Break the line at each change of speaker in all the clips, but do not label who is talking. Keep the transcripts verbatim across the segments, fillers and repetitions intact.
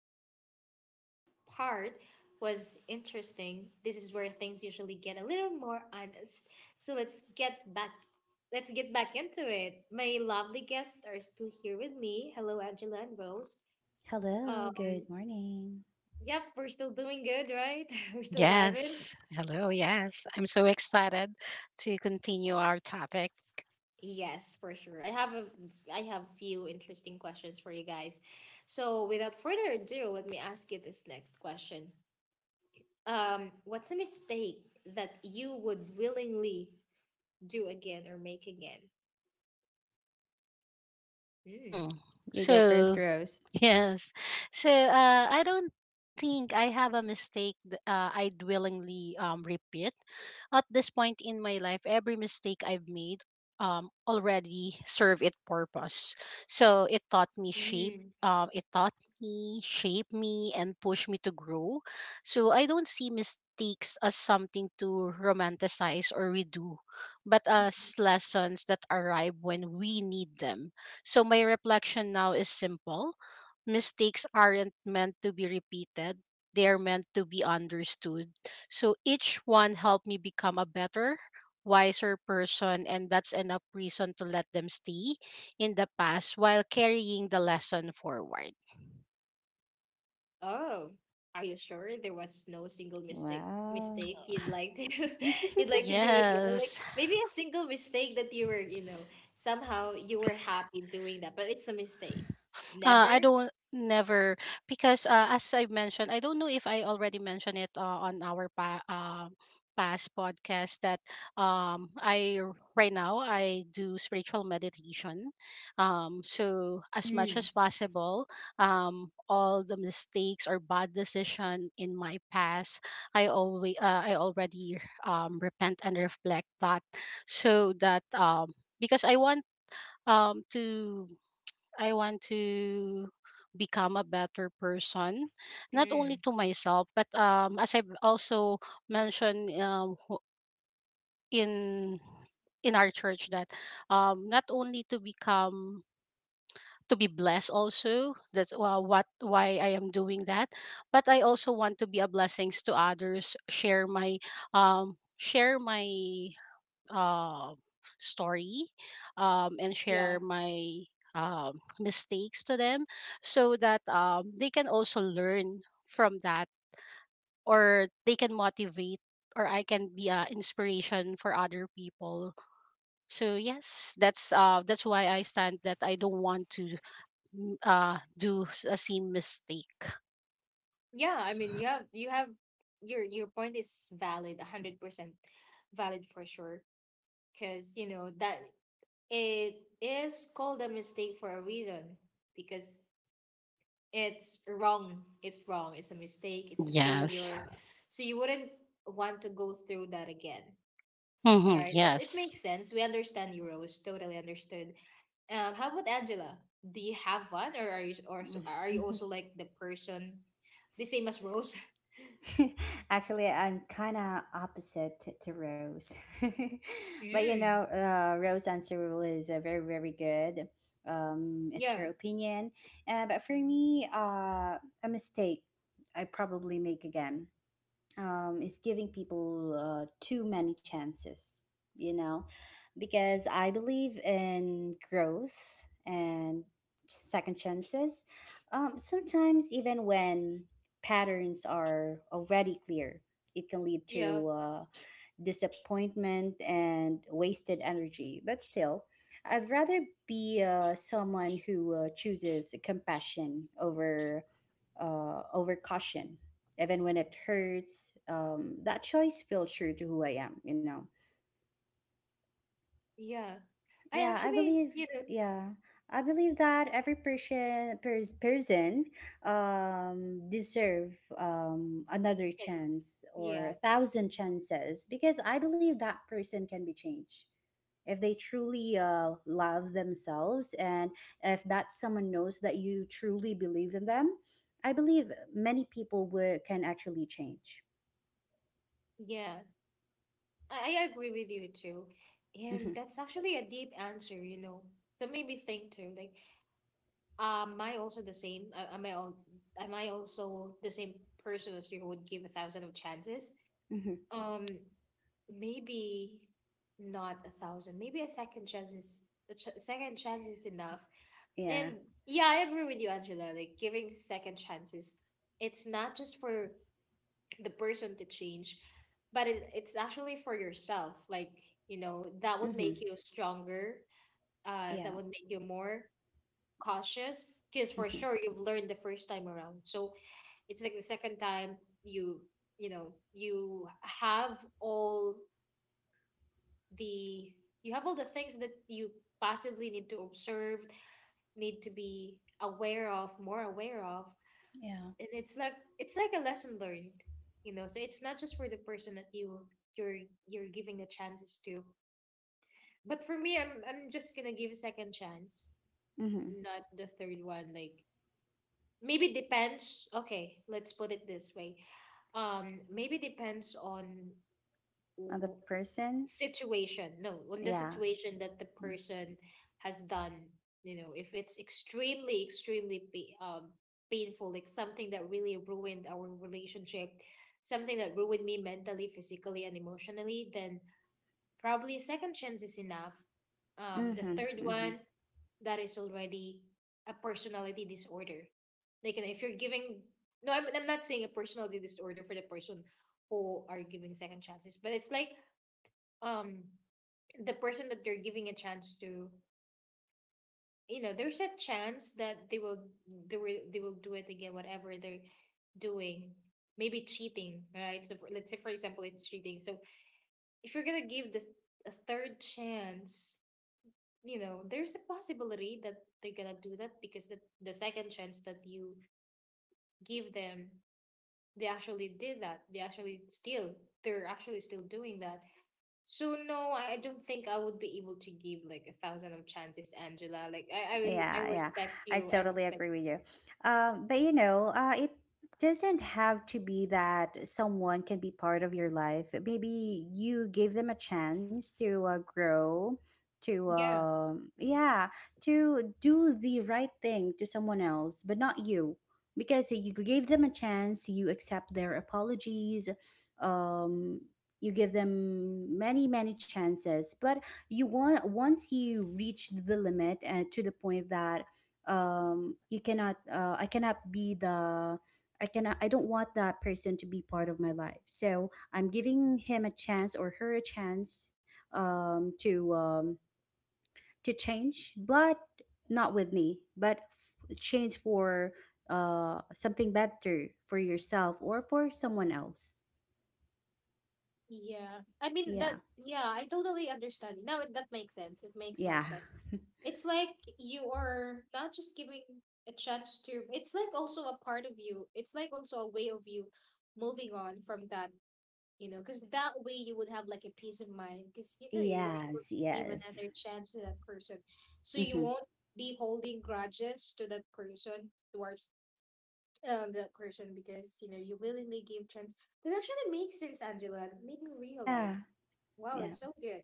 if you thought the first part was interesting, this is where things usually get a little more honest. So let's get back let's get back into it. My lovely guests are still here with me. Hello, Angela and Rose.
Hello,
Um,
good morning.
yep, we're still doing good, right? We're still vibing.
Yes. Hello. Yes. I'm so excited to continue our topic.
Yes, for sure. I have a I have few interesting questions for you guys. So, without further ado, let me ask you this next question. Um, what's a mistake that you would willingly do again or make again?
Mm.
Mm.
You
So,
go first, Rose.
Yes. So uh, I don't think I have a mistake th- uh, I'd willingly um, repeat. At this point in my life, every mistake I've made um, already serve its purpose. So it taught me shape.
Mm.
Um, it taught me, shape me, and push me to grow. So I don't see mistakes as something to romanticize or redo, but as lessons that arrive when we need them. So my reflection now is simple mistakes aren't meant to be repeated, they are meant to be understood. So each one helped me become a better, wiser person, and that's enough reason to let them stay in the past while carrying the lesson forward.
Oh, are you sure there was no single mistake
Wow.
mistake you'd like to you'd like to do again? Like
Yes.
maybe a single mistake that you were, you know, somehow you were happy doing that, but it's a mistake.
Uh, I
Never?
don't never because uh, as I mentioned, I don't know if I already mentioned it uh, on our pa- um past podcast that um I r- right now I do spiritual meditation. Um, so as much
Mm.
as possible, um, all the mistakes or bad decision in my past, I always uh, I already um repent and reflect that, so that um because I want um to I want to become a better person, not only
Mm.
to myself, but um, as I've also mentioned um, wh- in in our church that um, not only to become to be blessed also that's uh, what why I am doing that, but I also want to be a blessings to others, share my um share my uh, story, um, and
Yeah.
share my um, mistakes to them so that um, they can also learn from that or they can motivate or I can be an inspiration for other people. So yes, that's uh that's why I stand that I don't want to mm, uh do s- a same mistake.
Yeah, I mean, you have you have your your point is valid, one hundred percent valid for sure because, you know, that it is called a mistake for a reason because it's wrong. It's wrong. It's a mistake, it's a
Yes.
failure. So you wouldn't want to go through that again.
Mm-hmm.
Right? It, it
Yes.
makes sense. We understand you, Rose. Totally understood. Um, how about Angela? Do you have one, or are you or so, are you also like the person the same as Rose?
Actually, I'm kind of opposite t- to Rose. but you
Mm.
know, uh, Rose's answer is uh, very, very good. Um, it's her
Yeah,
opinion. Uh, but for me, uh, a mistake I probably make again. um, is giving people uh, too many chances, you know, because I believe in growth and second chances. Um, sometimes, even when patterns are already clear, it can lead
yeah,
to uh, disappointment and wasted energy. But still, I'd rather be uh, someone who uh, chooses compassion over uh, over caution, even when it hurts. Um, that choice feels true to who I am. You know.
yeah. I
Yeah, I
actually,
believe.
you know,
Yeah. I believe that every person pers- person um, deserve um, another
like,
chance or
yeah,
a thousand chances because I believe that person can be changed if they truly uh, love themselves, and if that someone knows that you truly believe in them, I believe many people will, can actually change.
yeah. I, I agree with you too.
Hmm.
And that's actually a deep answer, you know. That made me think too. Like, am I also the same? A- Am I all, am I also the same person as you who would give a thousand of chances?
Hmm.
um Maybe not a thousand, maybe a second chance is a ch- second chance is enough.
Yeah.
And yeah, I agree with you, Angela. Like giving second chances, it's not just for the person to change, but it, it's actually for yourself. Like, you know, that would
Hmm.
make you stronger, uh that
Yeah.
would make you more cautious, because for
Hmm.
sure you've learned the first time around. So it's like the second time, you you know, you have all the you have all the things that you possibly need to observe, need to be aware of, more aware of.
Yeah.
And it's like it's like a lesson learned, you know. So it's not just for the person that you you're you're giving the chances to, but for me, i'm i'm just gonna give a second chance,
Hmm.
not the third one. Like maybe depends. Okay, let's put it this way. Um maybe depends on
Other
w-
person.
situation. No, on the
Yeah.
situation that the person has done. You know, if it's extremely extremely pa- um, painful, like something that really ruined our relationship, something that ruined me mentally, physically and emotionally, then probably a second chance is enough. Um,
Hmm.
the
Hmm.
third one, that is already a personality disorder. Like, you know, if you're giving, no, I'm, I'm not saying a personality disorder for the person who are giving second chances, but it's like, um the person that you're giving a chance to, you know, there's a chance that they will they will they will do it again, whatever they're doing. Maybe cheating, right? So for, let's say for example it's cheating. So if you're gonna give this a third chance, you know there's a possibility that they're gonna do that, because the, the second chance that you give them, they actually did that, they actually still they're actually still doing that. So no, I I don't think I would be able to give like a thousand of chances, Angela. Like I, I, I
Yeah, yeah,
respect you.
I
I
totally
respect.
agree with you. Um, but you know, uh, it doesn't have to be that someone can be part of your life. Maybe you give them a chance to uh, grow, to
Yeah.
um, yeah, to do the right thing to someone else, but not you, because you gave them a chance. You accept their apologies. Um, you give them many, many chances, but you want once you reach the limit uh, to the point that um you cannot uh, I cannot be the I cannot I don't want that person to be part of my life, so I'm giving him a chance or her a chance um to um to change, but not with me, but f- change for uh something better for yourself or for someone else.
Yeah. I mean that,
Yeah.
yeah, I totally understand. Now it- that makes sense. It makes more
Yeah.
sense. It's like you are not just giving a chance to, it's like also a part of you. It's like also a way of you moving on from that, you know, because that way you would have like a peace of mind, because you know you were able
Yes.
to give
Yes.
another chance to that person, so you
Hmm.
won't be holding grudges to that person towards um that person, because you know you willingly gave chance. That actually makes sense, Angela. That made me
Yeah.
realize, wow,
Yeah.
that's so good.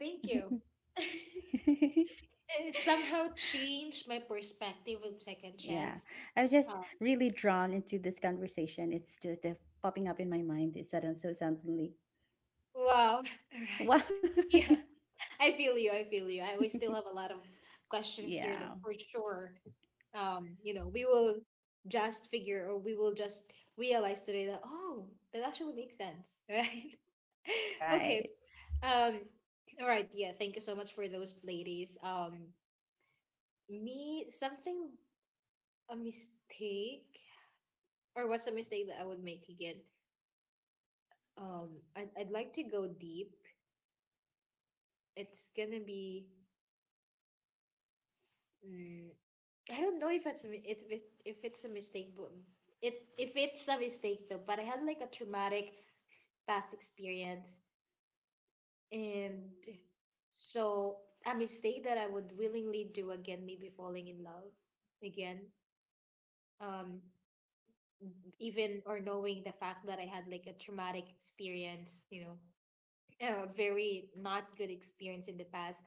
Thank you. It somehow changed my perspective of second
Yeah.
chance.
I'm just
uh,
really drawn into this conversation. It's just uh, popping up in my mind. It's sudden, so suddenly.
Wow. All
Wow.
right. Yeah. I feel you. I feel you. I We still have a lot of questions here that
Yeah.
for sure, um, you know, we will just figure or we will just realize today that, oh, that actually makes sense, right? Okay.
Right.
Um. All right. Yeah. Thank you so much for those, ladies. Um. Me something a mistake, or what's a mistake that I would make again? Um. I'd I'd like to go deep. It's gonna be, mm, I don't know if it's a mi- it, if if it's a mistake, but it if it's a mistake though. But I had like a traumatic past experience, and so a mistake that I would willingly do again, maybe falling in love again. Um, Even or knowing the fact that I had like a traumatic experience, you know, a very not good experience in the past.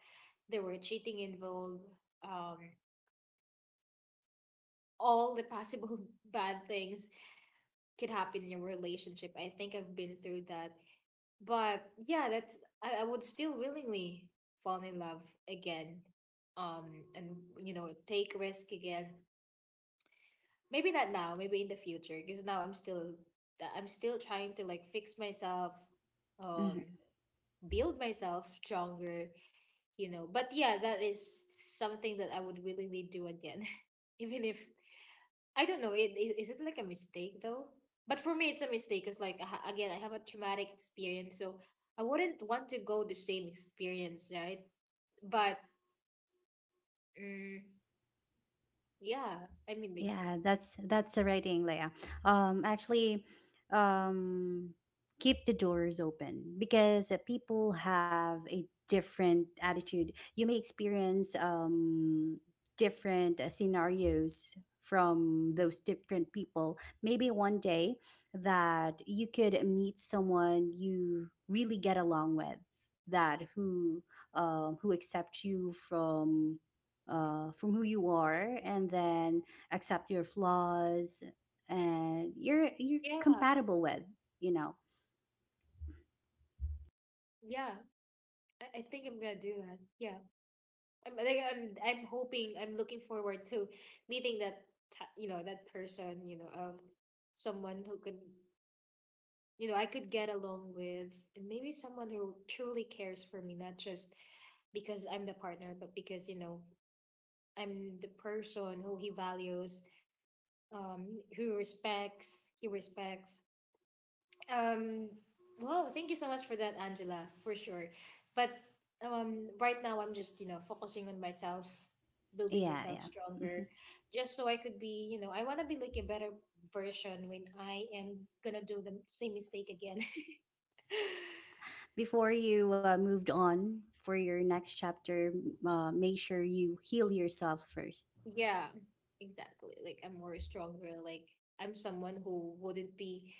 There were cheating involved. Um, all the possible bad things could happen in your relationship. I think I've been through that. But yeah, that's, I, I would still willingly fall in love again. Um and you know, take risk again. Maybe not now, maybe in the future, because now I'm still I'm still trying to like fix myself,
Mm-hmm.
um build myself stronger, you know. But yeah, that is something that I would willingly do again. Even if I don't know. It, is, is it like a mistake though? But for me, it's a mistake because, like, I ha- again, I have a traumatic experience, so I wouldn't want to go the same experience, right? But mm, yeah, I mean, like,
Yeah, that's that's the right thing, Leia. Um, actually, um, keep the doors open, because uh, people have a different attitude. You may experience um different uh, scenarios from those different people. Maybe one day that you could meet someone you really get along with, that who um who accepts you from uh from who you are, and then accept your flaws, and you're you're
yeah,
compatible with you know
yeah. I, I think I'm gonna do that. Yeah, I'm, like, I'm, I'm hoping, I'm looking forward to meeting that, t- you know, that person, you know, um, someone who could, you know, I could get along with, and maybe someone who truly cares for me, not just because I'm the partner, but because, you know, I'm the person who he values, um, who respects, he respects. Um, well, thank you so much for that, Angela, for sure. But um, right now, I'm just, you know, focusing on myself, building
yeah.
myself
Yeah.
stronger,
Hmm.
just so I could be, you know, I want to be like a better version when I am going to do the same mistake again.
Before you uh, moved on for your next chapter, uh, make sure you heal yourself first.
Yeah, exactly. Like I'm more stronger. Like I'm someone who wouldn't be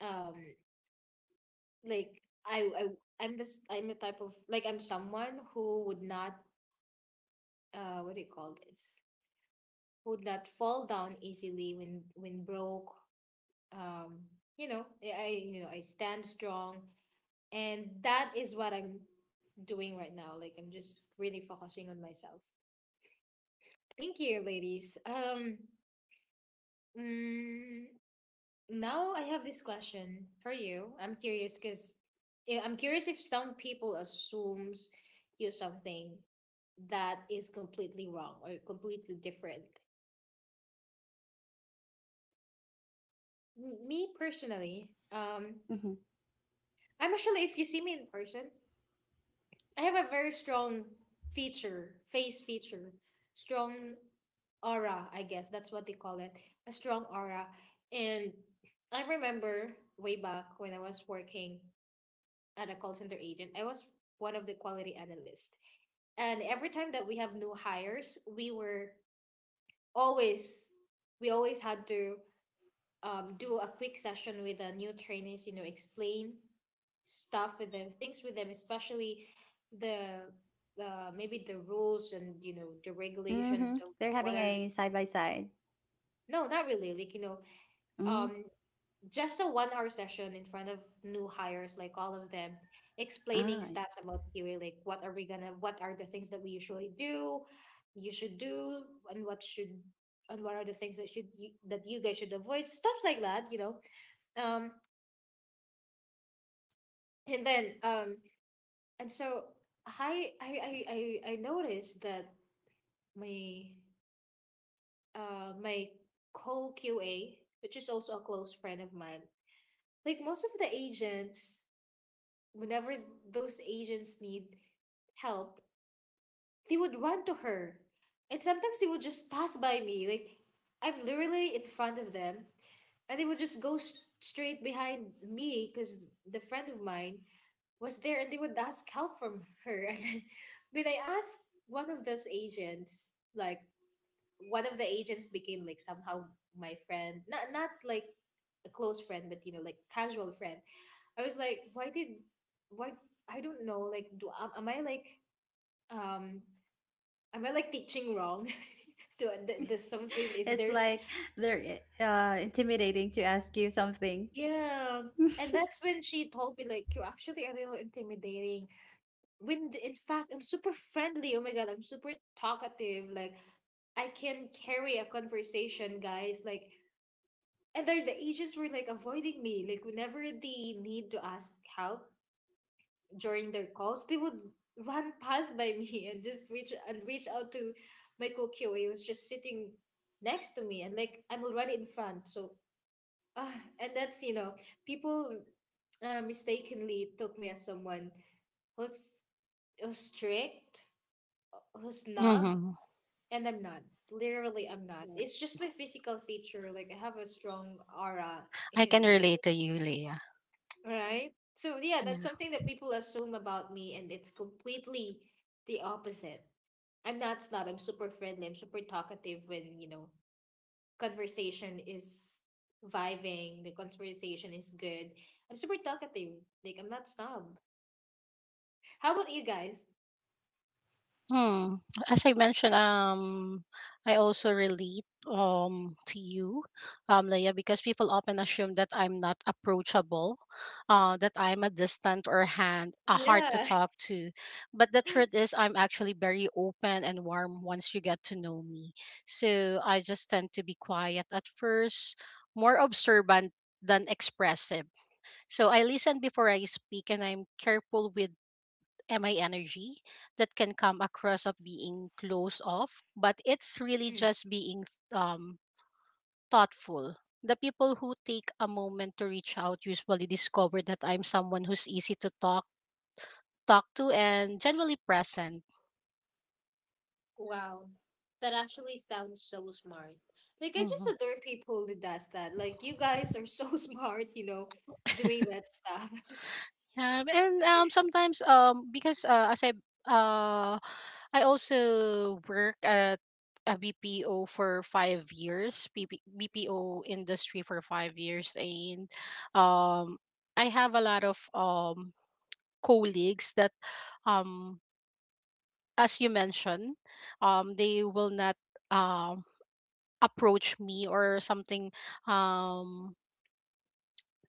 um like I I I'm this, I'm the type of, like, I'm someone who would not uh what do you call this? Would not fall down easily when when broke. Um, you know, I I, you know, I stand strong, and that is what I'm doing right now. Like I'm just really focusing on myself. Thank you, ladies. Um, mm, Now I have this question for you. I'm curious because I'm curious if some people assumes you're something that is completely wrong or completely different. M- Me personally, um,
Mm-hmm.
I'm actually, if you see me in person, I have a very strong feature, face feature, strong aura, I guess that's what they call it, a strong aura. And I remember way back when I was working and a call center agent. I was one of the quality analysts. And every time that we have new hires, we were always we always had to um, do a quick session with the new trainees. You know, explain stuff with them, things with them, especially the uh, maybe the rules and, you know, the
Mm-hmm.
regulations.
They're
So
having
what
a
are the,
side by side.
no, not really. Like, you know,
Mm.
um, just a one hour session in front of new hires, like all of them, explaining
Ah.
stuff about QA, like what are we gonna what are the things that we usually do, you should do, and what should and what are the things that should you, that you guys should avoid, stuff like that, you know. Um and then um and so i i i i, I noticed that my uh my co QA, which is also a close friend of mine, like most of the agents, whenever those agents need help, they would run to her. And sometimes they would just pass by me. Like, I'm literally in front of them, and they would just go s- straight behind me because the friend of mine was there and they would ask help from her. And then when I asked one of those agents, like, one of the agents became like somehow my friend, not not like a close friend but you know like casual friend. I was like, why did, why, I don't know, like do am, am i like um am I like teaching wrong? Do th- there's something, is
It's
there's
like they're uh, intimidating to ask you something.
yeah. And that's when she told me like, you're actually a little intimidating when th- in fact I'm super friendly. Oh my god, I'm super talkative, like I can carry a conversation, guys, like. And they're, the agents were like avoiding me. Like whenever they need to ask help during their calls, they would run past by me and just reach and reach out to my Q A who's just sitting next to me, and like I'm already in front. So uh, and that's, you know, people uh, mistakenly took me as someone who's, who's strict, who's snob,
Mm-hmm.
and I'm not. Literally I'm not. It's just my physical feature. Like I have a strong aura
I can
and
relate to you, Leah.
right. So yeah, that's
Yeah.
something that people assume about me, and it's completely the opposite. I'm not snob. I'm super friendly. I'm super talkative when, you know, conversation is vibing, the conversation is good. I'm super talkative. Like I'm not snob. How about you guys?
Hmm. As I mentioned, um, I also relate um to you, um, Leia, because people often assume that I'm not approachable, uh, that I'm a distant or hand a hard to
Yeah.
talk to, but the truth is I'm actually very open and warm once you get to know me. So I just tend to be quiet at first, more observant than expressive. So I listen before I speak, and I'm careful with M I energy that can come across of being close off, but it's really
Mm.
just being um, thoughtful. The people who take a moment to reach out usually discover that I'm someone who's easy to talk talk to and generally present.
Wow. That actually sounds so smart. Like, I just
Mhm.
adore people who does that. Like, you guys are so smart, you know, doing that stuff.
Um, and um, sometimes um, because uh, as I uh, I also work at a B P O for five years, BP, B P O industry for five years, and um, I have a lot of um colleagues that um as you mentioned, um, they will not um approach me or something. um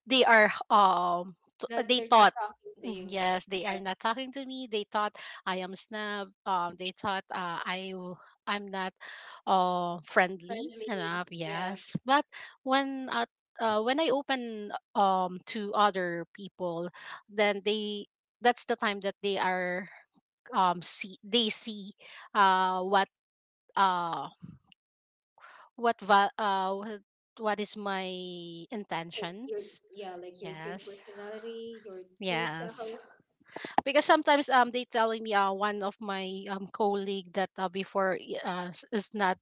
they are um t- uh,
Not,
they
they're not
thought,
talking to
mm,
you.
yes, they are
Yeah,
not talking to me. They thought I am snub. Um they thought uh, i w- I'm not uh friendly
friendly.
enough,
Yeah,
yes, but when uh, uh when I open um to other people, then they that's the time that they are um see they see uh what uh what va- uh what what is my
like your,
intentions.
yeah, like your true
Yes.
personality, your true self.
Yes. Because sometimes um they telling me uh one of my um colleague that, uh, before i- uh, s- is not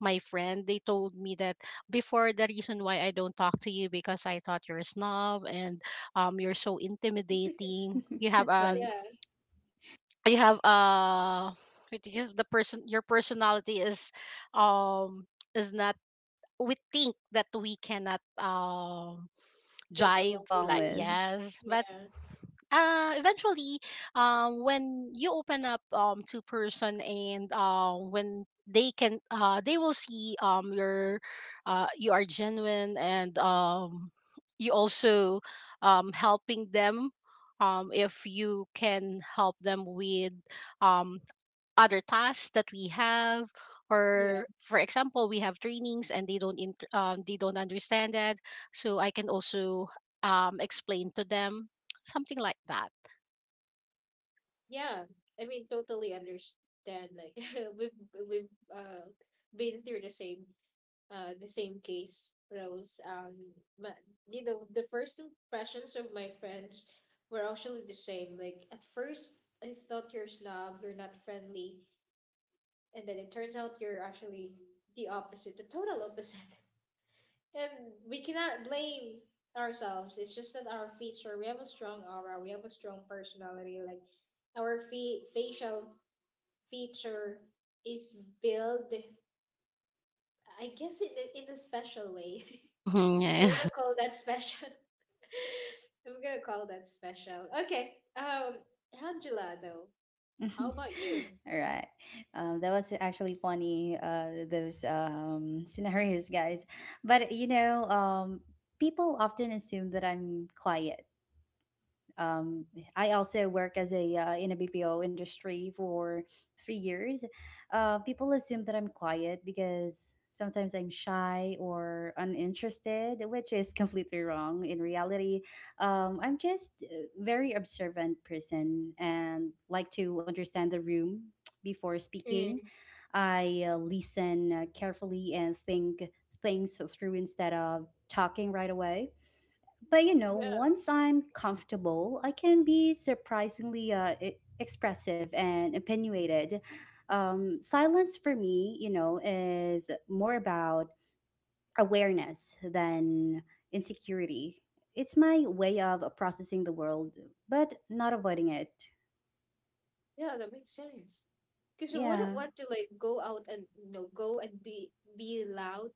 my friend, they told me that before the reason why I don't talk to you because I thought you're a snob and um you're so intimidating. You have
It's
a
funny.
Yeah,
you have a what do you- the person your personality is um is not. We think that we cannot um
get
jive,
along with
Along
like,
you.
with.
yes, but
Yeah,
uh eventually um when you open up um to person, and um when they can uh they will see um your uh you are genuine, and um you also um helping them, um if you can help them with um other tasks that we have,
yeah,
or for example we have trainings and they don't int- um, they don't understand that, so I can also um, explain to them something like that.
yeah. I mean, totally understand. Like we've we've uh been through the same uh the same case, Rose. Um, but you know, the first impressions of my friends were actually the same. Like at first, I thought you're snob, you're not friendly, and then it turns out you're actually the opposite, the total opposite. And we cannot blame ourselves. It's just that our feature, we have a strong aura, we have a strong personality. Like our fe- facial feature is built, I guess, in a, in a special way.
Mm-hmm,
I'm
yes.
gonna call that special. I'm gonna call that special. Okay. Um, Angela, though, how about you?
All right. Um, that was actually funny, uh, those um, scenarios, guys. But, you know, um, people often assume that I'm quiet um, I also work as a uh, in a B P O industry for three years. Uh, people assume that I'm quiet because sometimes I'm shy or uninterested, which is completely wrong. In reality, um, I'm just a very observant person and like to understand the room before speaking.
Mm.
I uh, listen uh, carefully and think things through instead of talking right away but you know,
Yeah,
once I'm comfortable, I can be surprisingly uh, e- expressive and opinionated. Um, silence for me, you know, is more about awareness than insecurity. It's my way of processing the world, but not avoiding it.
yeah, that makes sense. Because you wouldn't
Yeah,
want to like go out and you know go and be be loud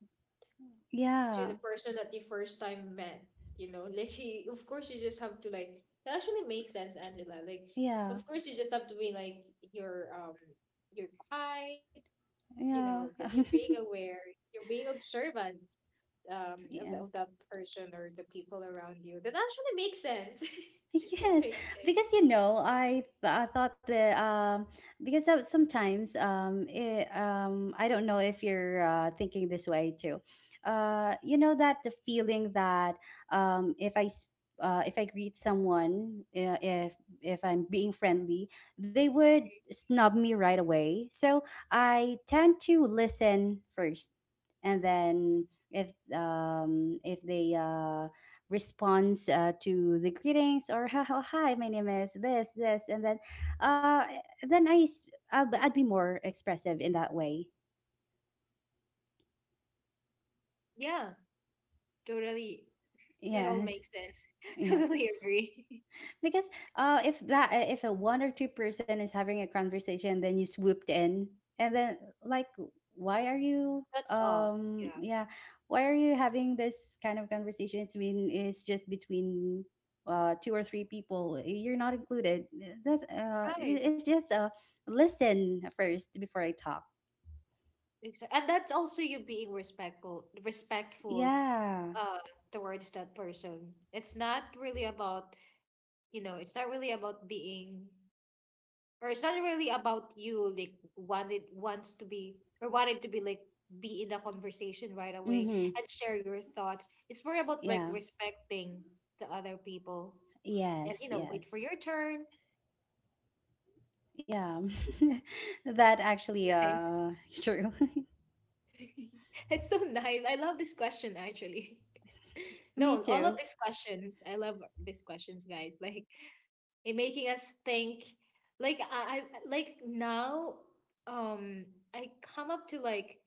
to
yeah,
the person that you first time met. You know, like he, of course you just have to like, that actually makes sense, Angela. Like of
yeah,
course you just have to be like your um your quiet, you know,
yeah,
because you're being aware, you're being observant um of
yeah.
the, of that person or the people around you. That actually makes sense. It
Yes,
makes sense.
because you know, I th- I thought that um because some- sometimes um it, um I don't know if you're uh, thinking this way too, uh you know that the feeling that um if I s- uh, if I greet someone uh, if if I'm being friendly, they would snub me right away, so I tend to listen first, and then if um if they uh response, uh, to the greetings, or, "Ha- ha- hi, my name is this this and then uh then I s- I b- I'd be more expressive in that way."
Yeah, totally. It all
Yes.
makes sense.
Yeah.
Totally agree.
Because uh, if that uh, if a one or two person is having a conversation, then you swooped in, and then, like, why are you?
That's all.
Um,
Yeah.
yeah, why are you having this kind of conversation? It's been it's just between uh two or three people. You're not included. That's uh,
Right.
it- it's just uh, listen first before I talk.
Exactly. And that's also you being respectful, respectful
Yeah.
uh towards that person. It's not really about, you know, it's not really about being, or it's not really about you like wanted wants to be or wanted to be like be in the conversation right away
Mm-hmm.
and share your thoughts. It's more about like
Yeah.
respecting the other people, and you
Yes.
know, wait for your
Yes.
turn.
Yeah. That actually uh true.
It's so nice. I love this question actually.
Me
No, all of
too.
these questions. I love these questions, guys. Like it making us think. Like I, I like now um I come up to like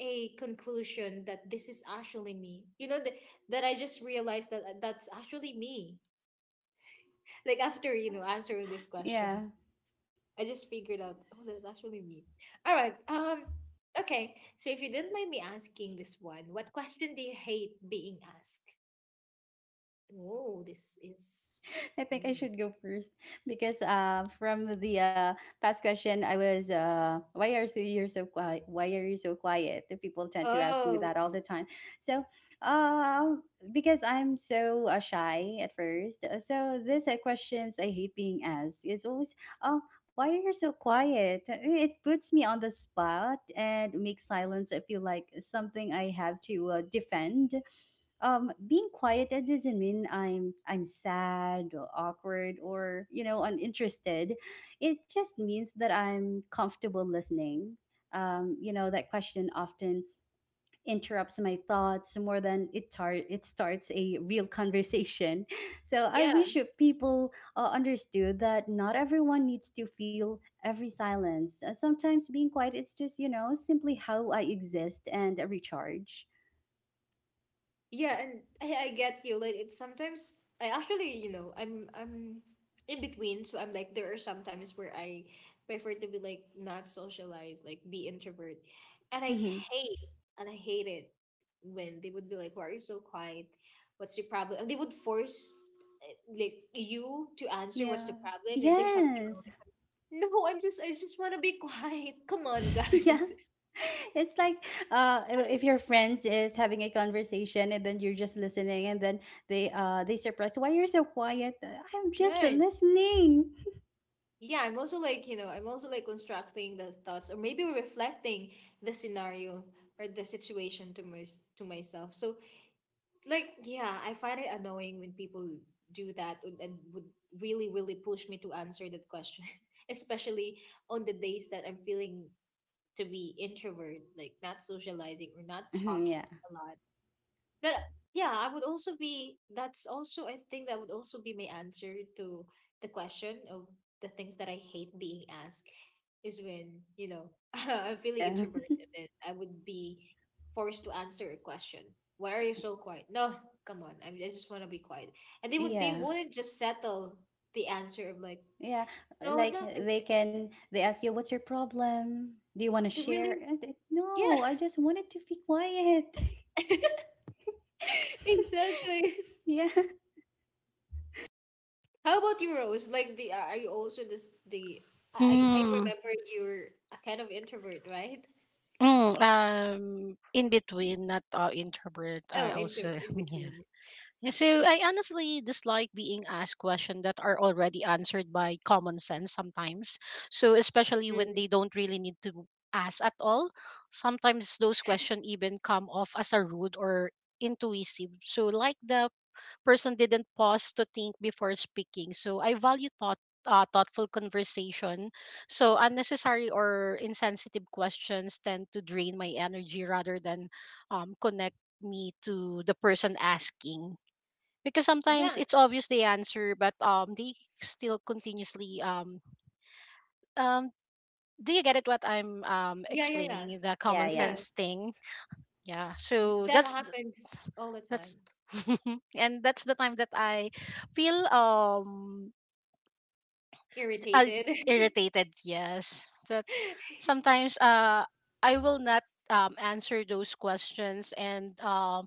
a conclusion that this is actually me. You know that, that I just realized that that's actually me. Like after, you know, answering this
Yeah,
question. I just figured out, oh, that's actually me. All right. Um, okay. So if you didn't mind me asking this one, what question do you hate being asked? Oh, this is.
I think I
Mm.
should go first because uh, from the uh, past question, I was uh, why are so you're so quiet? Why are you so quiet? The people tend to ask me
Oh,
that all the time. So, um, because I'm so uh, shy at first, uh, so this uh, questions I hate being asked is always, oh, why are you so quiet? Uh, It puts me on the spot and makes silence. I feel like something I have to uh, defend um being quiet that doesn't mean I'm I'm sad or awkward or you know uninterested it just means that I'm comfortable listening um you know that question often interrupts my thoughts more than it tar- it starts a real conversation so I
yeah.
wish that people uh, understood that not everyone needs to feel every silence Uh, sometimes being quiet is just you know simply how I exist and recharge
Yeah, and I, I get you. Like it's sometimes I actually, you know, I'm I'm in between, so I'm like there are some times where I prefer to be like not socialized, like be introvert. And I
Mm-hmm.
hate, and I hate it when they would be like, why are you so quiet? What's the problem? And they would force eh, like you to answer what's the
Yeah.
problem and there's something wrong with
Yes.
something. No, I'm just, I just wanna be quiet. Come on,
yeah.
guys.
It's like uh I- if your friends is having a conversation and then you're just listening and then they uh they surprised why you're so quiet. Uh, I'm just
Right.
listening.
Yeah, I'm also like, you know, I'm also like constructing the thoughts or maybe reflecting the scenario or the situation to my, to myself. So like, yeah, I find it annoying when people do that and and would really, really push me to answer that question, especially on the days that I'm feeling to be introvert, like not socializing or not
yeah.
talking a lot. But yeah, I would also be, that's also, I think that would also be my answer to the question of the things that I hate being asked is when, you know, I'm feeling
Yeah.
introverted and I would be forced to answer a question. Why are you so quiet? No, come on. I, I just want to be quiet. And they would, they
Yeah.
wouldn't just settle the answer of like,
Yeah.
no,
Like
nothing.
they can they ask you what's your problem? Do you want to
They
share?
really,
And it-
yeah,
No, I just wanted to be quiet.
exactly.
yeah.
How about you, Rose? Like, the are you also this the? I I
mm,
remember you're a kind of introvert, right?
mm, um in between, not uh, introvert.
Oh,
I
in the,
also
in
yes.
between.
Yeah. So I honestly dislike being asked questions that are already answered by common sense sometimes. So especially when
Mm.
they don't really need to ask at all. Sometimes those questions even come off as a rude or intuitive. So like the person didn't pause to think before speaking. So I value thought uh, thoughtful conversation. So unnecessary or insensitive questions tend to drain my energy rather than um, connect me to the person asking, because sometimes
Yeah,
it's obvious the answer but um they still continuously um um do you get it what I'm um
yeah, yeah, yeah,
explaining, the
Yeah, yeah,
common
yeah.
yeah.
sense thing. Yeah, so
That
that's th-
happens all the time.
that's and that's the time that I feel um uh,
Irritated.
irritated, yes, that sometimes uh I will not um answer those questions, and um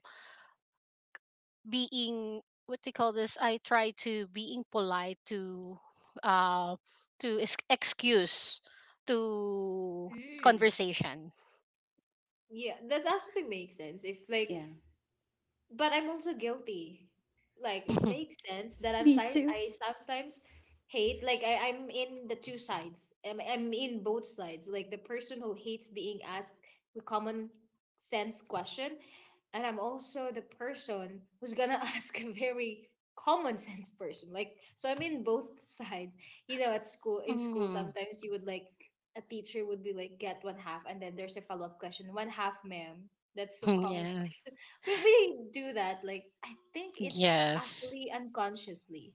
being what do you call this, I try to being polite to uh to ex- excuse to
Mm.
conversation.
Yeah, that
Yeah.
actually makes sense. If
Yeah.
like, but I'm also guilty. Like it makes sense that I'm
Me
si-
too.
I sometimes hate like I, I'm in the two sides. I'm, I'm in both sides. Like the person who hates being asked a common sense question, and I'm also the person who's gonna ask a very common sense person. Like so I'm in both sides. You know, at school, in school
Mm.
sometimes you would like a teacher would be like get one half and then there's a follow up question. One half ma'am. That's so common.
Yes.
we we do that, like I think it's
Yes.
actually unconsciously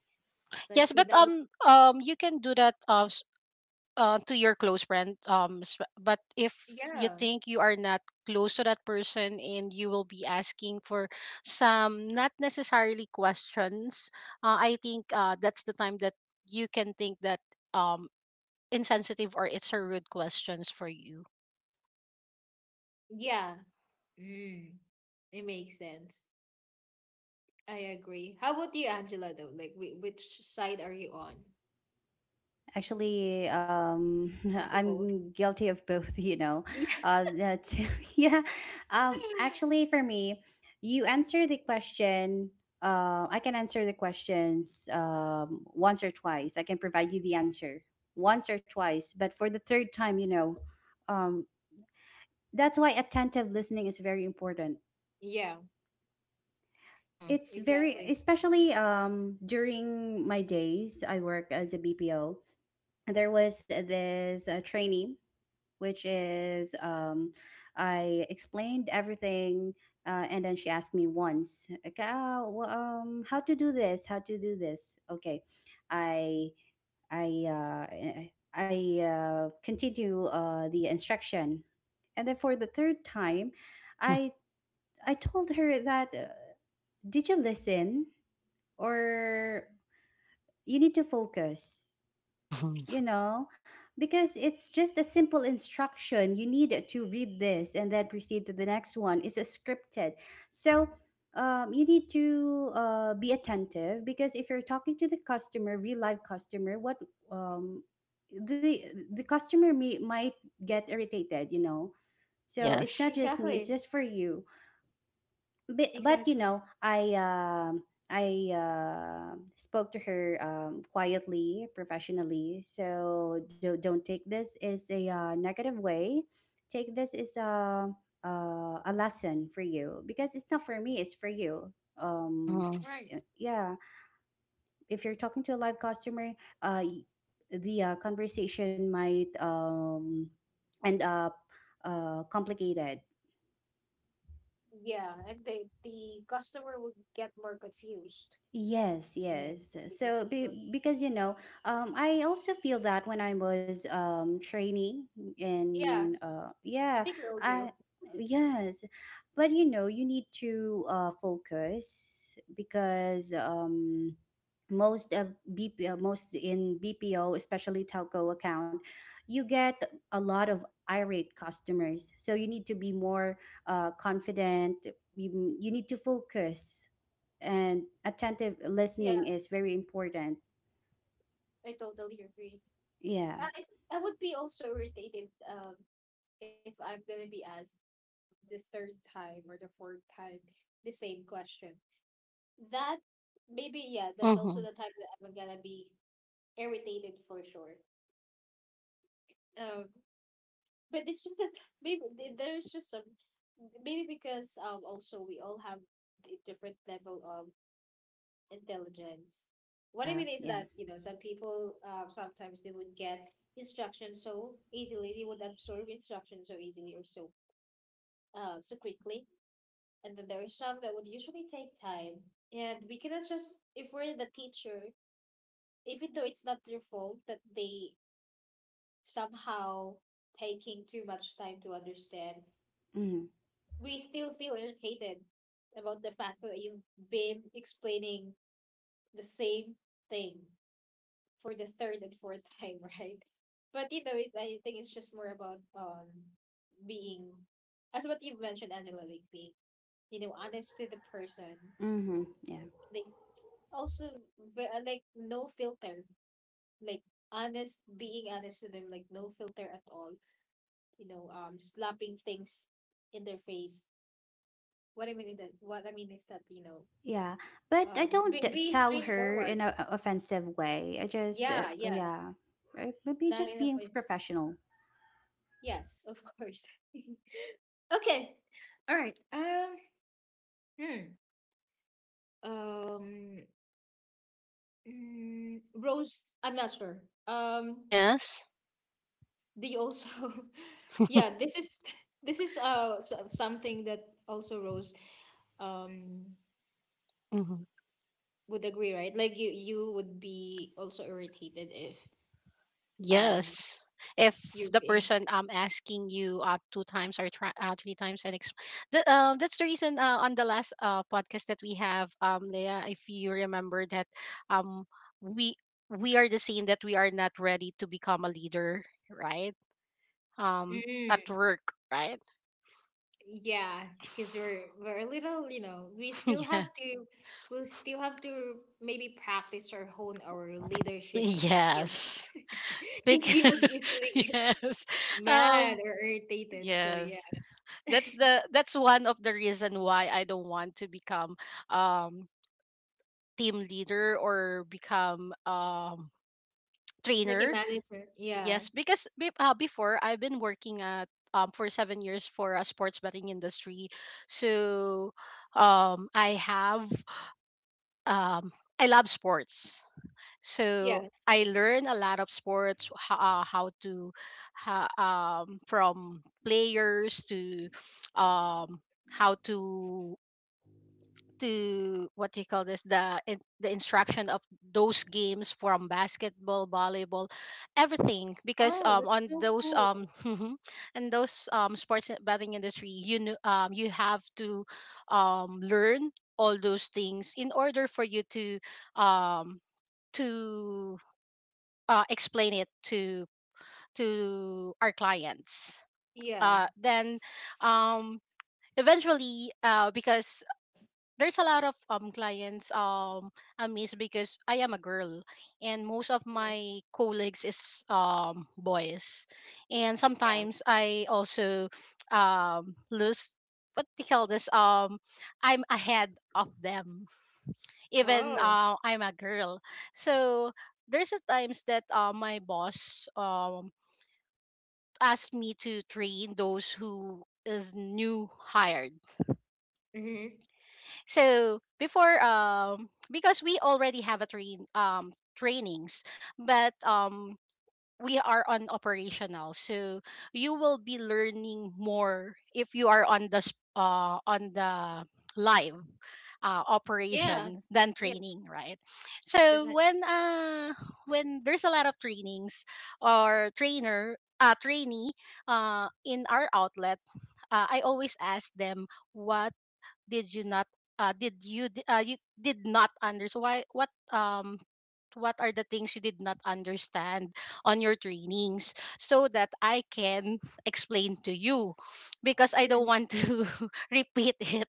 like
Yes, but
without,
um um you can do that, uh, s- uh, to your close friend, um s- but if you
yeah,
think you are not close to that person and you will be asking for some not necessarily questions, uh, I think uh, that's the time that you can think that um insensitive or it's a rude questions for you.
yeah, mm, it makes sense. I agree. How about you Angela, though? Like whi- which side are you on?
Actually, um,
Also both.
I'm guilty of both, you know.
Yeah,
Uh, that, yeah. Um, actually, for me, you answer the question. Uh, I can answer the questions um, once or twice. I can provide you the answer once or twice, but for the third time, you know, um, that's why attentive listening is very important.
yeah,
Mm-hmm.
It's very,
exactly,
especially um, during my days, I work as a B P O. There was this uh, trainee, which is um, I explained everything, uh, and then she asked me once, like, "Ah, wh- um, how to do this? How to do this?" Okay, I I uh, I I, uh, continue uh, the instruction, and then for the third time, I I told her that, uh, "Did you listen, or you need to focus?" you
Mm-hmm.
know, because it's just a simple instruction. You need to read this and then proceed to the next one. It's a scripted. So um, you need to uh, be attentive, because if you're talking to the customer, real life customer, what um, the the customer may, might get irritated, you know. So it's not
Yes.
just me; it's
exactly,
just for you, but, but you
exactly,
know i um i uh, spoke to her um, quietly, professionally, so do, don't take this as a uh, negative way. Take this as a, uh, a lesson for you, because it's not for me, it's for you. um
Mm-hmm.
right.
y- yeah, if you're talking to a live customer uh y- the uh, conversation might um end up uh complicated.
Yeah, and the the customer would get more confused.
Yes,
Yeah, if
yes.
we- if
So
we,
be, because you know, um, I also feel that when I was um training
yeah,
in, uh
I
yeah,
think we all
I,
do.
yes. But you know, you need to uh focus, because um most of B P uh, most in B P O, especially telco account, you get a lot of irate customers. So you need to be more uh confident. You, you need to focus, and attentive
Yeah,
listening is very important.
I totally agree.
Yeah,
I, I would be also irritated um, if I'm going to be asked this third time or the fourth time the same question. That maybe, yeah, that's also
Mm-hmm.
the time that I'm going to be irritated for sure. Um, but it's just that maybe th- there's just some, maybe because um, also we all have a different level of intelligence. What I
yeah,
mean is
yeah.
that, you know, some people um, sometimes they would get instructions so easily, they would absorb instructions so easily or so um, so quickly. And then there are some that would usually take time. And we cannot just, if we're the teacher, even though it's not their fault that they somehow taking too much time to understand,
Mm-hmm.
we still feel irritated about the fact that you've been explaining the same thing for the third and fourth time, right? But you know, it, I think it's just more about um being, as what you've mentioned, Angela, like being you know honest to the person,
Mm-hmm. Yeah,
like also ve- uh, like no filter, like honest, being honest to them, like no filter at all, you know um slapping things in their face. What I mean is that, what I mean is that you know,
yeah. But I
uh,
don't
be,
t-
be
tell her
straightforward,
in an offensive way. I just, uh,
yeah,
oh,
yeah,
yeah, right? Maybe
not
just
enough
being
it,
professional.
yes of course. Okay. All right. Um. Hmm. Um. Mm, Rose. I'm not sure um
Yes.
they also. Yeah, this is, this is uh so- something that also Rose um
Mm-hmm.
would agree, right? Like you you would be also irritated if um
Yes. If
you're
the
being,
person um asking you uh two times or tri- uh, three times and exp- the, uh, that's the reason uh, on the last uh podcast that we have, um Leah, if you remember that, um we we are the same, that we are not ready to become a leader, right, um at
mm,
work, right?
yeah, because we're we're a little, you know, we still
Yeah.
have to, we'll still have to maybe practice or hone our leadership skills
Yes,
because we
because
would easily get
yes.
mad
um
or irritated, so yeah.
yes, that's the that's one of the reason why I don't want to become um team leader or become um
Like a
trainer.
manager, yeah.
Yes, because be, uh, before I've been working at um for seven years for a sports betting industry. So um I have um I love sports. So
Yeah.
I learn a lot of sports ho- uh, how to ha, um from players to um how to to what do you call this the in- the instruction of those games, from basketball, volleyball, everything, because
Oh,
um
that's
on
so
those
cool.
um and those um sports betting industry, you know, um you have to um learn all those things in order for you to um to uh, explain it to to our clients
Yeah.
uh then um eventually uh because there's a lot of um clients, um I miss because I am a girl and most of
Mm.
my colleagues is um boys, and
Yeah.
sometimes I also um lose what they call this, um I'm ahead of them even
Oh.
uh, I'm a girl. So there's a times that uh, my boss um asked me to train those who is new hired.
Mm-hmm.
So before um because we already have a train um trainings, but um we are on operational. So you will be learning more if you are on the sp- uh on the live uh,
Yeah.
operation than
Yes.
training, right? So
Definitely.
when uh when there's a lot of trainings or trainer uh trainee uh in our outlet, uh, I always ask them what did you not uh did you d- uh you did not understand why what um what are the things you did not understand on your trainings, so that I can explain to you, because I don't
Mm.
want to repeat it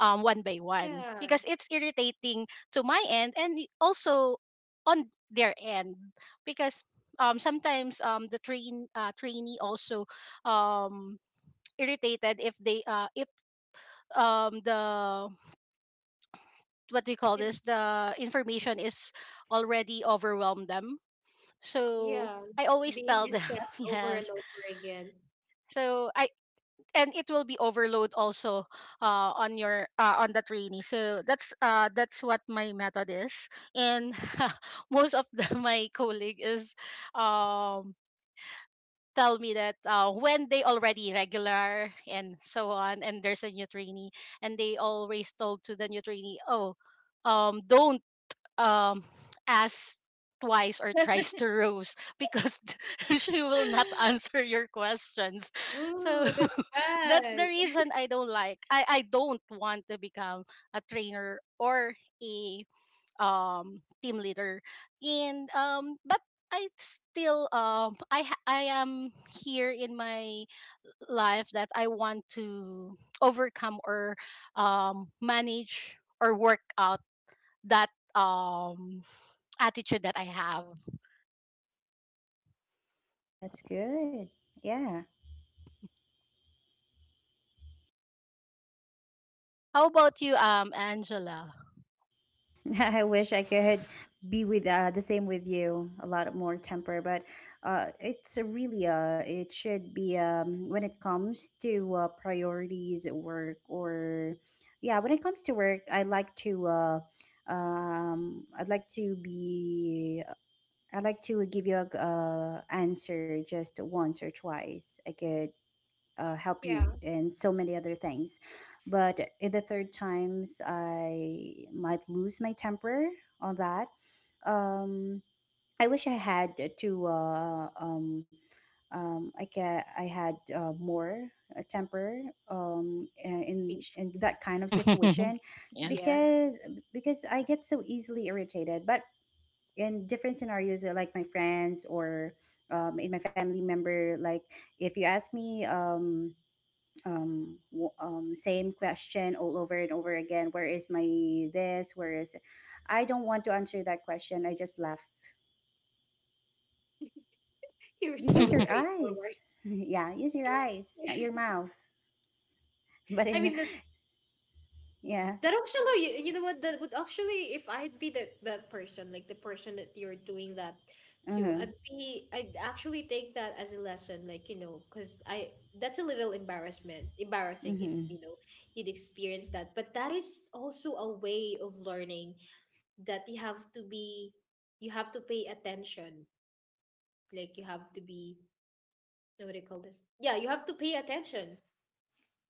um one by one,
Yeah.
because it's irritating to my end and y- also on their end, because um sometimes um the train uh, trainee also um irritated if they uh if um the what do you call
If,
this, the information is already overwhelmed them, so
yeah.
I
It's
always
being
tell them
discussed over and
yes,
over again.
so I and it will be overload also uh, on your uh, on the trainee, so that's uh, that's what my method is. And most of the, my colleague is um tell me that uh, when they already regular and so on and there's a new trainee, and they always told to the new trainee, oh, um don't um asks twice or tries to roast because she will not answer your questions. So
Oh, that's
that's the
bad.
reason I don't like, i I don't want to become a trainer or a um team leader. And um but I still um I ha- I am here in my life that I want to overcome or um manage or work out that um attitude that I have.
That's good. Yeah.
How about you, um, Angela?
I wish I could be with uh, the same with you, a lot more temper, but uh, it's a really uh, it should be um, when it comes to uh, priorities at work, or yeah, when it comes to work, I like to uh, um, I'd like to be I'd like to give you a uh, answer just once or twice. I could uh, help
Yeah.
you in so many other things, but in the third times, I might lose my temper on that. um i wish i had to uh, um um I get I had uh, more uh, temper um in in
Patience.
that kind of situation,
Yes.
Yeah.
because because I get so easily irritated, but in different scenarios, uh, like my friends, or um, in my family member, like, if you ask me um um, w- um, same question all over and over again. Where is my this? Where is it? I don't want to answer that question. I just laugh.
You're so
Use your
straightforward.
eyes. Yeah, use your eyes, not your mouth. But
I
in,
mean,
yeah,
that actually, you, you know what? That would actually, if I'd be the the person, like the person that you're doing that to, I'd
mm-hmm,
be, I'd actually take that as a lesson, like you know, because I, that's a little embarrassment, embarrassing if
mm-hmm,
you know you'd experience that. But that is also a way of learning that you have to be, you have to pay attention, like you have to be, what do you call this? Yeah, you have to pay attention,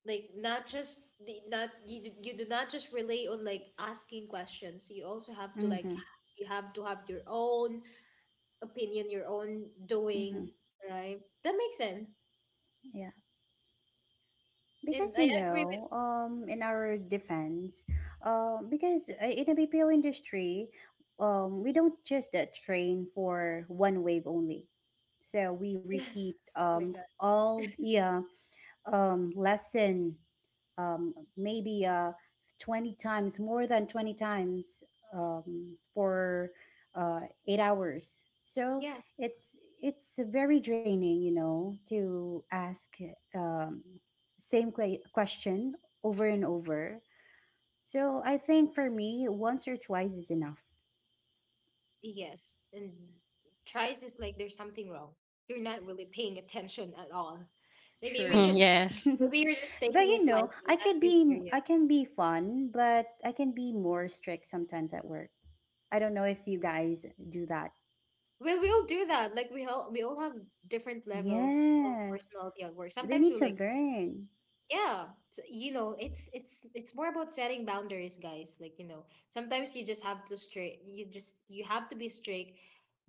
like not
so,
just the, not you, do- you do not just rely on like asking questions, you also have to like,
mm-hmm,
you have to have your own opinion, your own doing,
mm-hmm,
right? That makes sense
yeah.
and
Because you
I agree with,
know, um, in our defense, um, because uh, in the B P O industry, um, we don't just uh, train for one wave only. So we
yes,
repeat
oh my
um
god,
all the uh, um lesson, um, maybe uh, twenty times, more than twenty times um, for uh, eight hours. So
yes,
it's it's very draining, you know, to ask um, same que- question over and over. So I think for me, once or twice is enough.
yes. And tries is like there's something wrong, you're not really paying attention at all, like maybe
Hmm.
True.
just,
Yes.
maybe you're just
but
taking it
you know,
lightly,
I
not
could
too
be I
serious.
can be fun, but I can be more strict sometimes at work. I don't know if you guys do that.
Well, we all do that. Like we all, we all have different levels of
Yes,
personality at work.
they
Sometimes
need
we
to
like,
learn.
yeah, so, you know, it's it's it's more about setting boundaries, guys. Like, you know, sometimes you just have to straight, you just, you have to be strict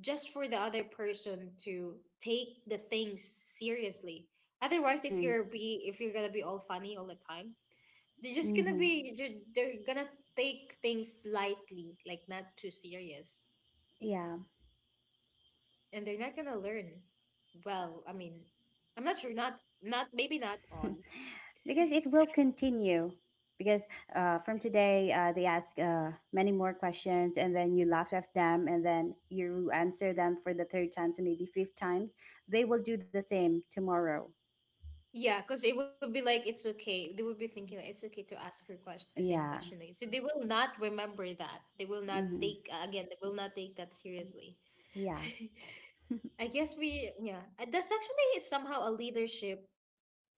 just for the other person to take the things seriously. Otherwise, if
Mm-hmm.
you're be, if you're gonna be all funny all the time, they're just gonna
Mm-hmm.
be ju- they're gonna take things lightly, like not too serious,
Yeah.
and they're not gonna learn. Well, I mean, I'm not sure, not not maybe not all.
Because it will continue. Because uh, from today, uh, they ask uh, many more questions, and then you laugh at them, and then you answer them for the third time, so maybe fifth times. They will do the same tomorrow.
Yeah, because it would be like it's okay. They would be thinking like, it's okay to ask her question the same
Yeah.
question. Like, so they will not remember that. They will not
Mm-hmm.
take uh, again. They will not take that seriously.
Yeah.
I guess we, yeah. Uh, That's actually somehow a leadership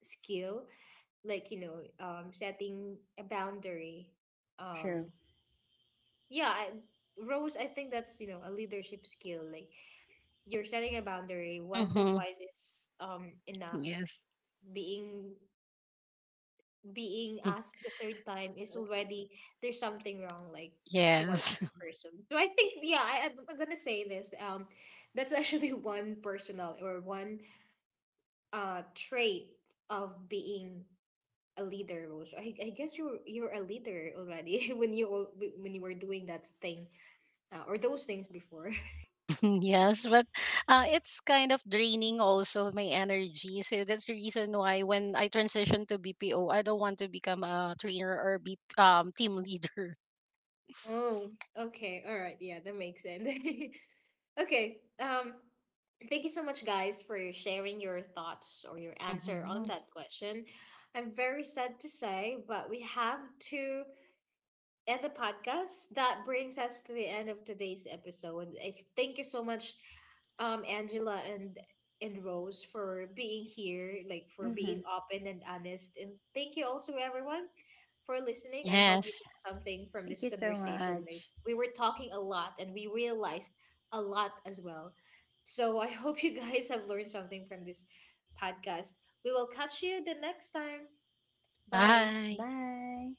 skill. Like you know, um, setting a boundary. Um,
True.
yeah, I, Rose. I think that's you know a leadership skill. Like you're setting a boundary, once and
Hmm.
twice is um enough,
Yes.
being, being asked the third time is already there's something wrong like towards
Yes.
the person. So I think, yeah, I, i'm I'm gonna say this, um that's actually one personal or one uh trait of being a leader, Rose. I, I guess you're you're a leader already when you al- when you were doing that thing uh, or those things before.
Yes, but uh, it's kind of draining also my energy. So that's the reason why when I transition to B P O, I don't want to become a trainer or be um team leader.
Oh, okay. All right. Yeah, that makes sense. Okay. Um, thank you so much, guys, for sharing your thoughts or your answer on
Hmm.
that question. I'm very sad to say, but we have to and the podcast. That brings us to the end of today's episode. I thank you so much, um, Angela and and Rose for being here, like for
Mm-hmm.
being open and honest. And thank you also everyone for listening. I hope you
Yes.
took something from
Thank you
this
so
conversation.
much.
Like we were talking a lot and we realized a lot as well. So I hope you guys have learned something from this podcast. We will catch you the next time. Bye.
Bye.
Bye.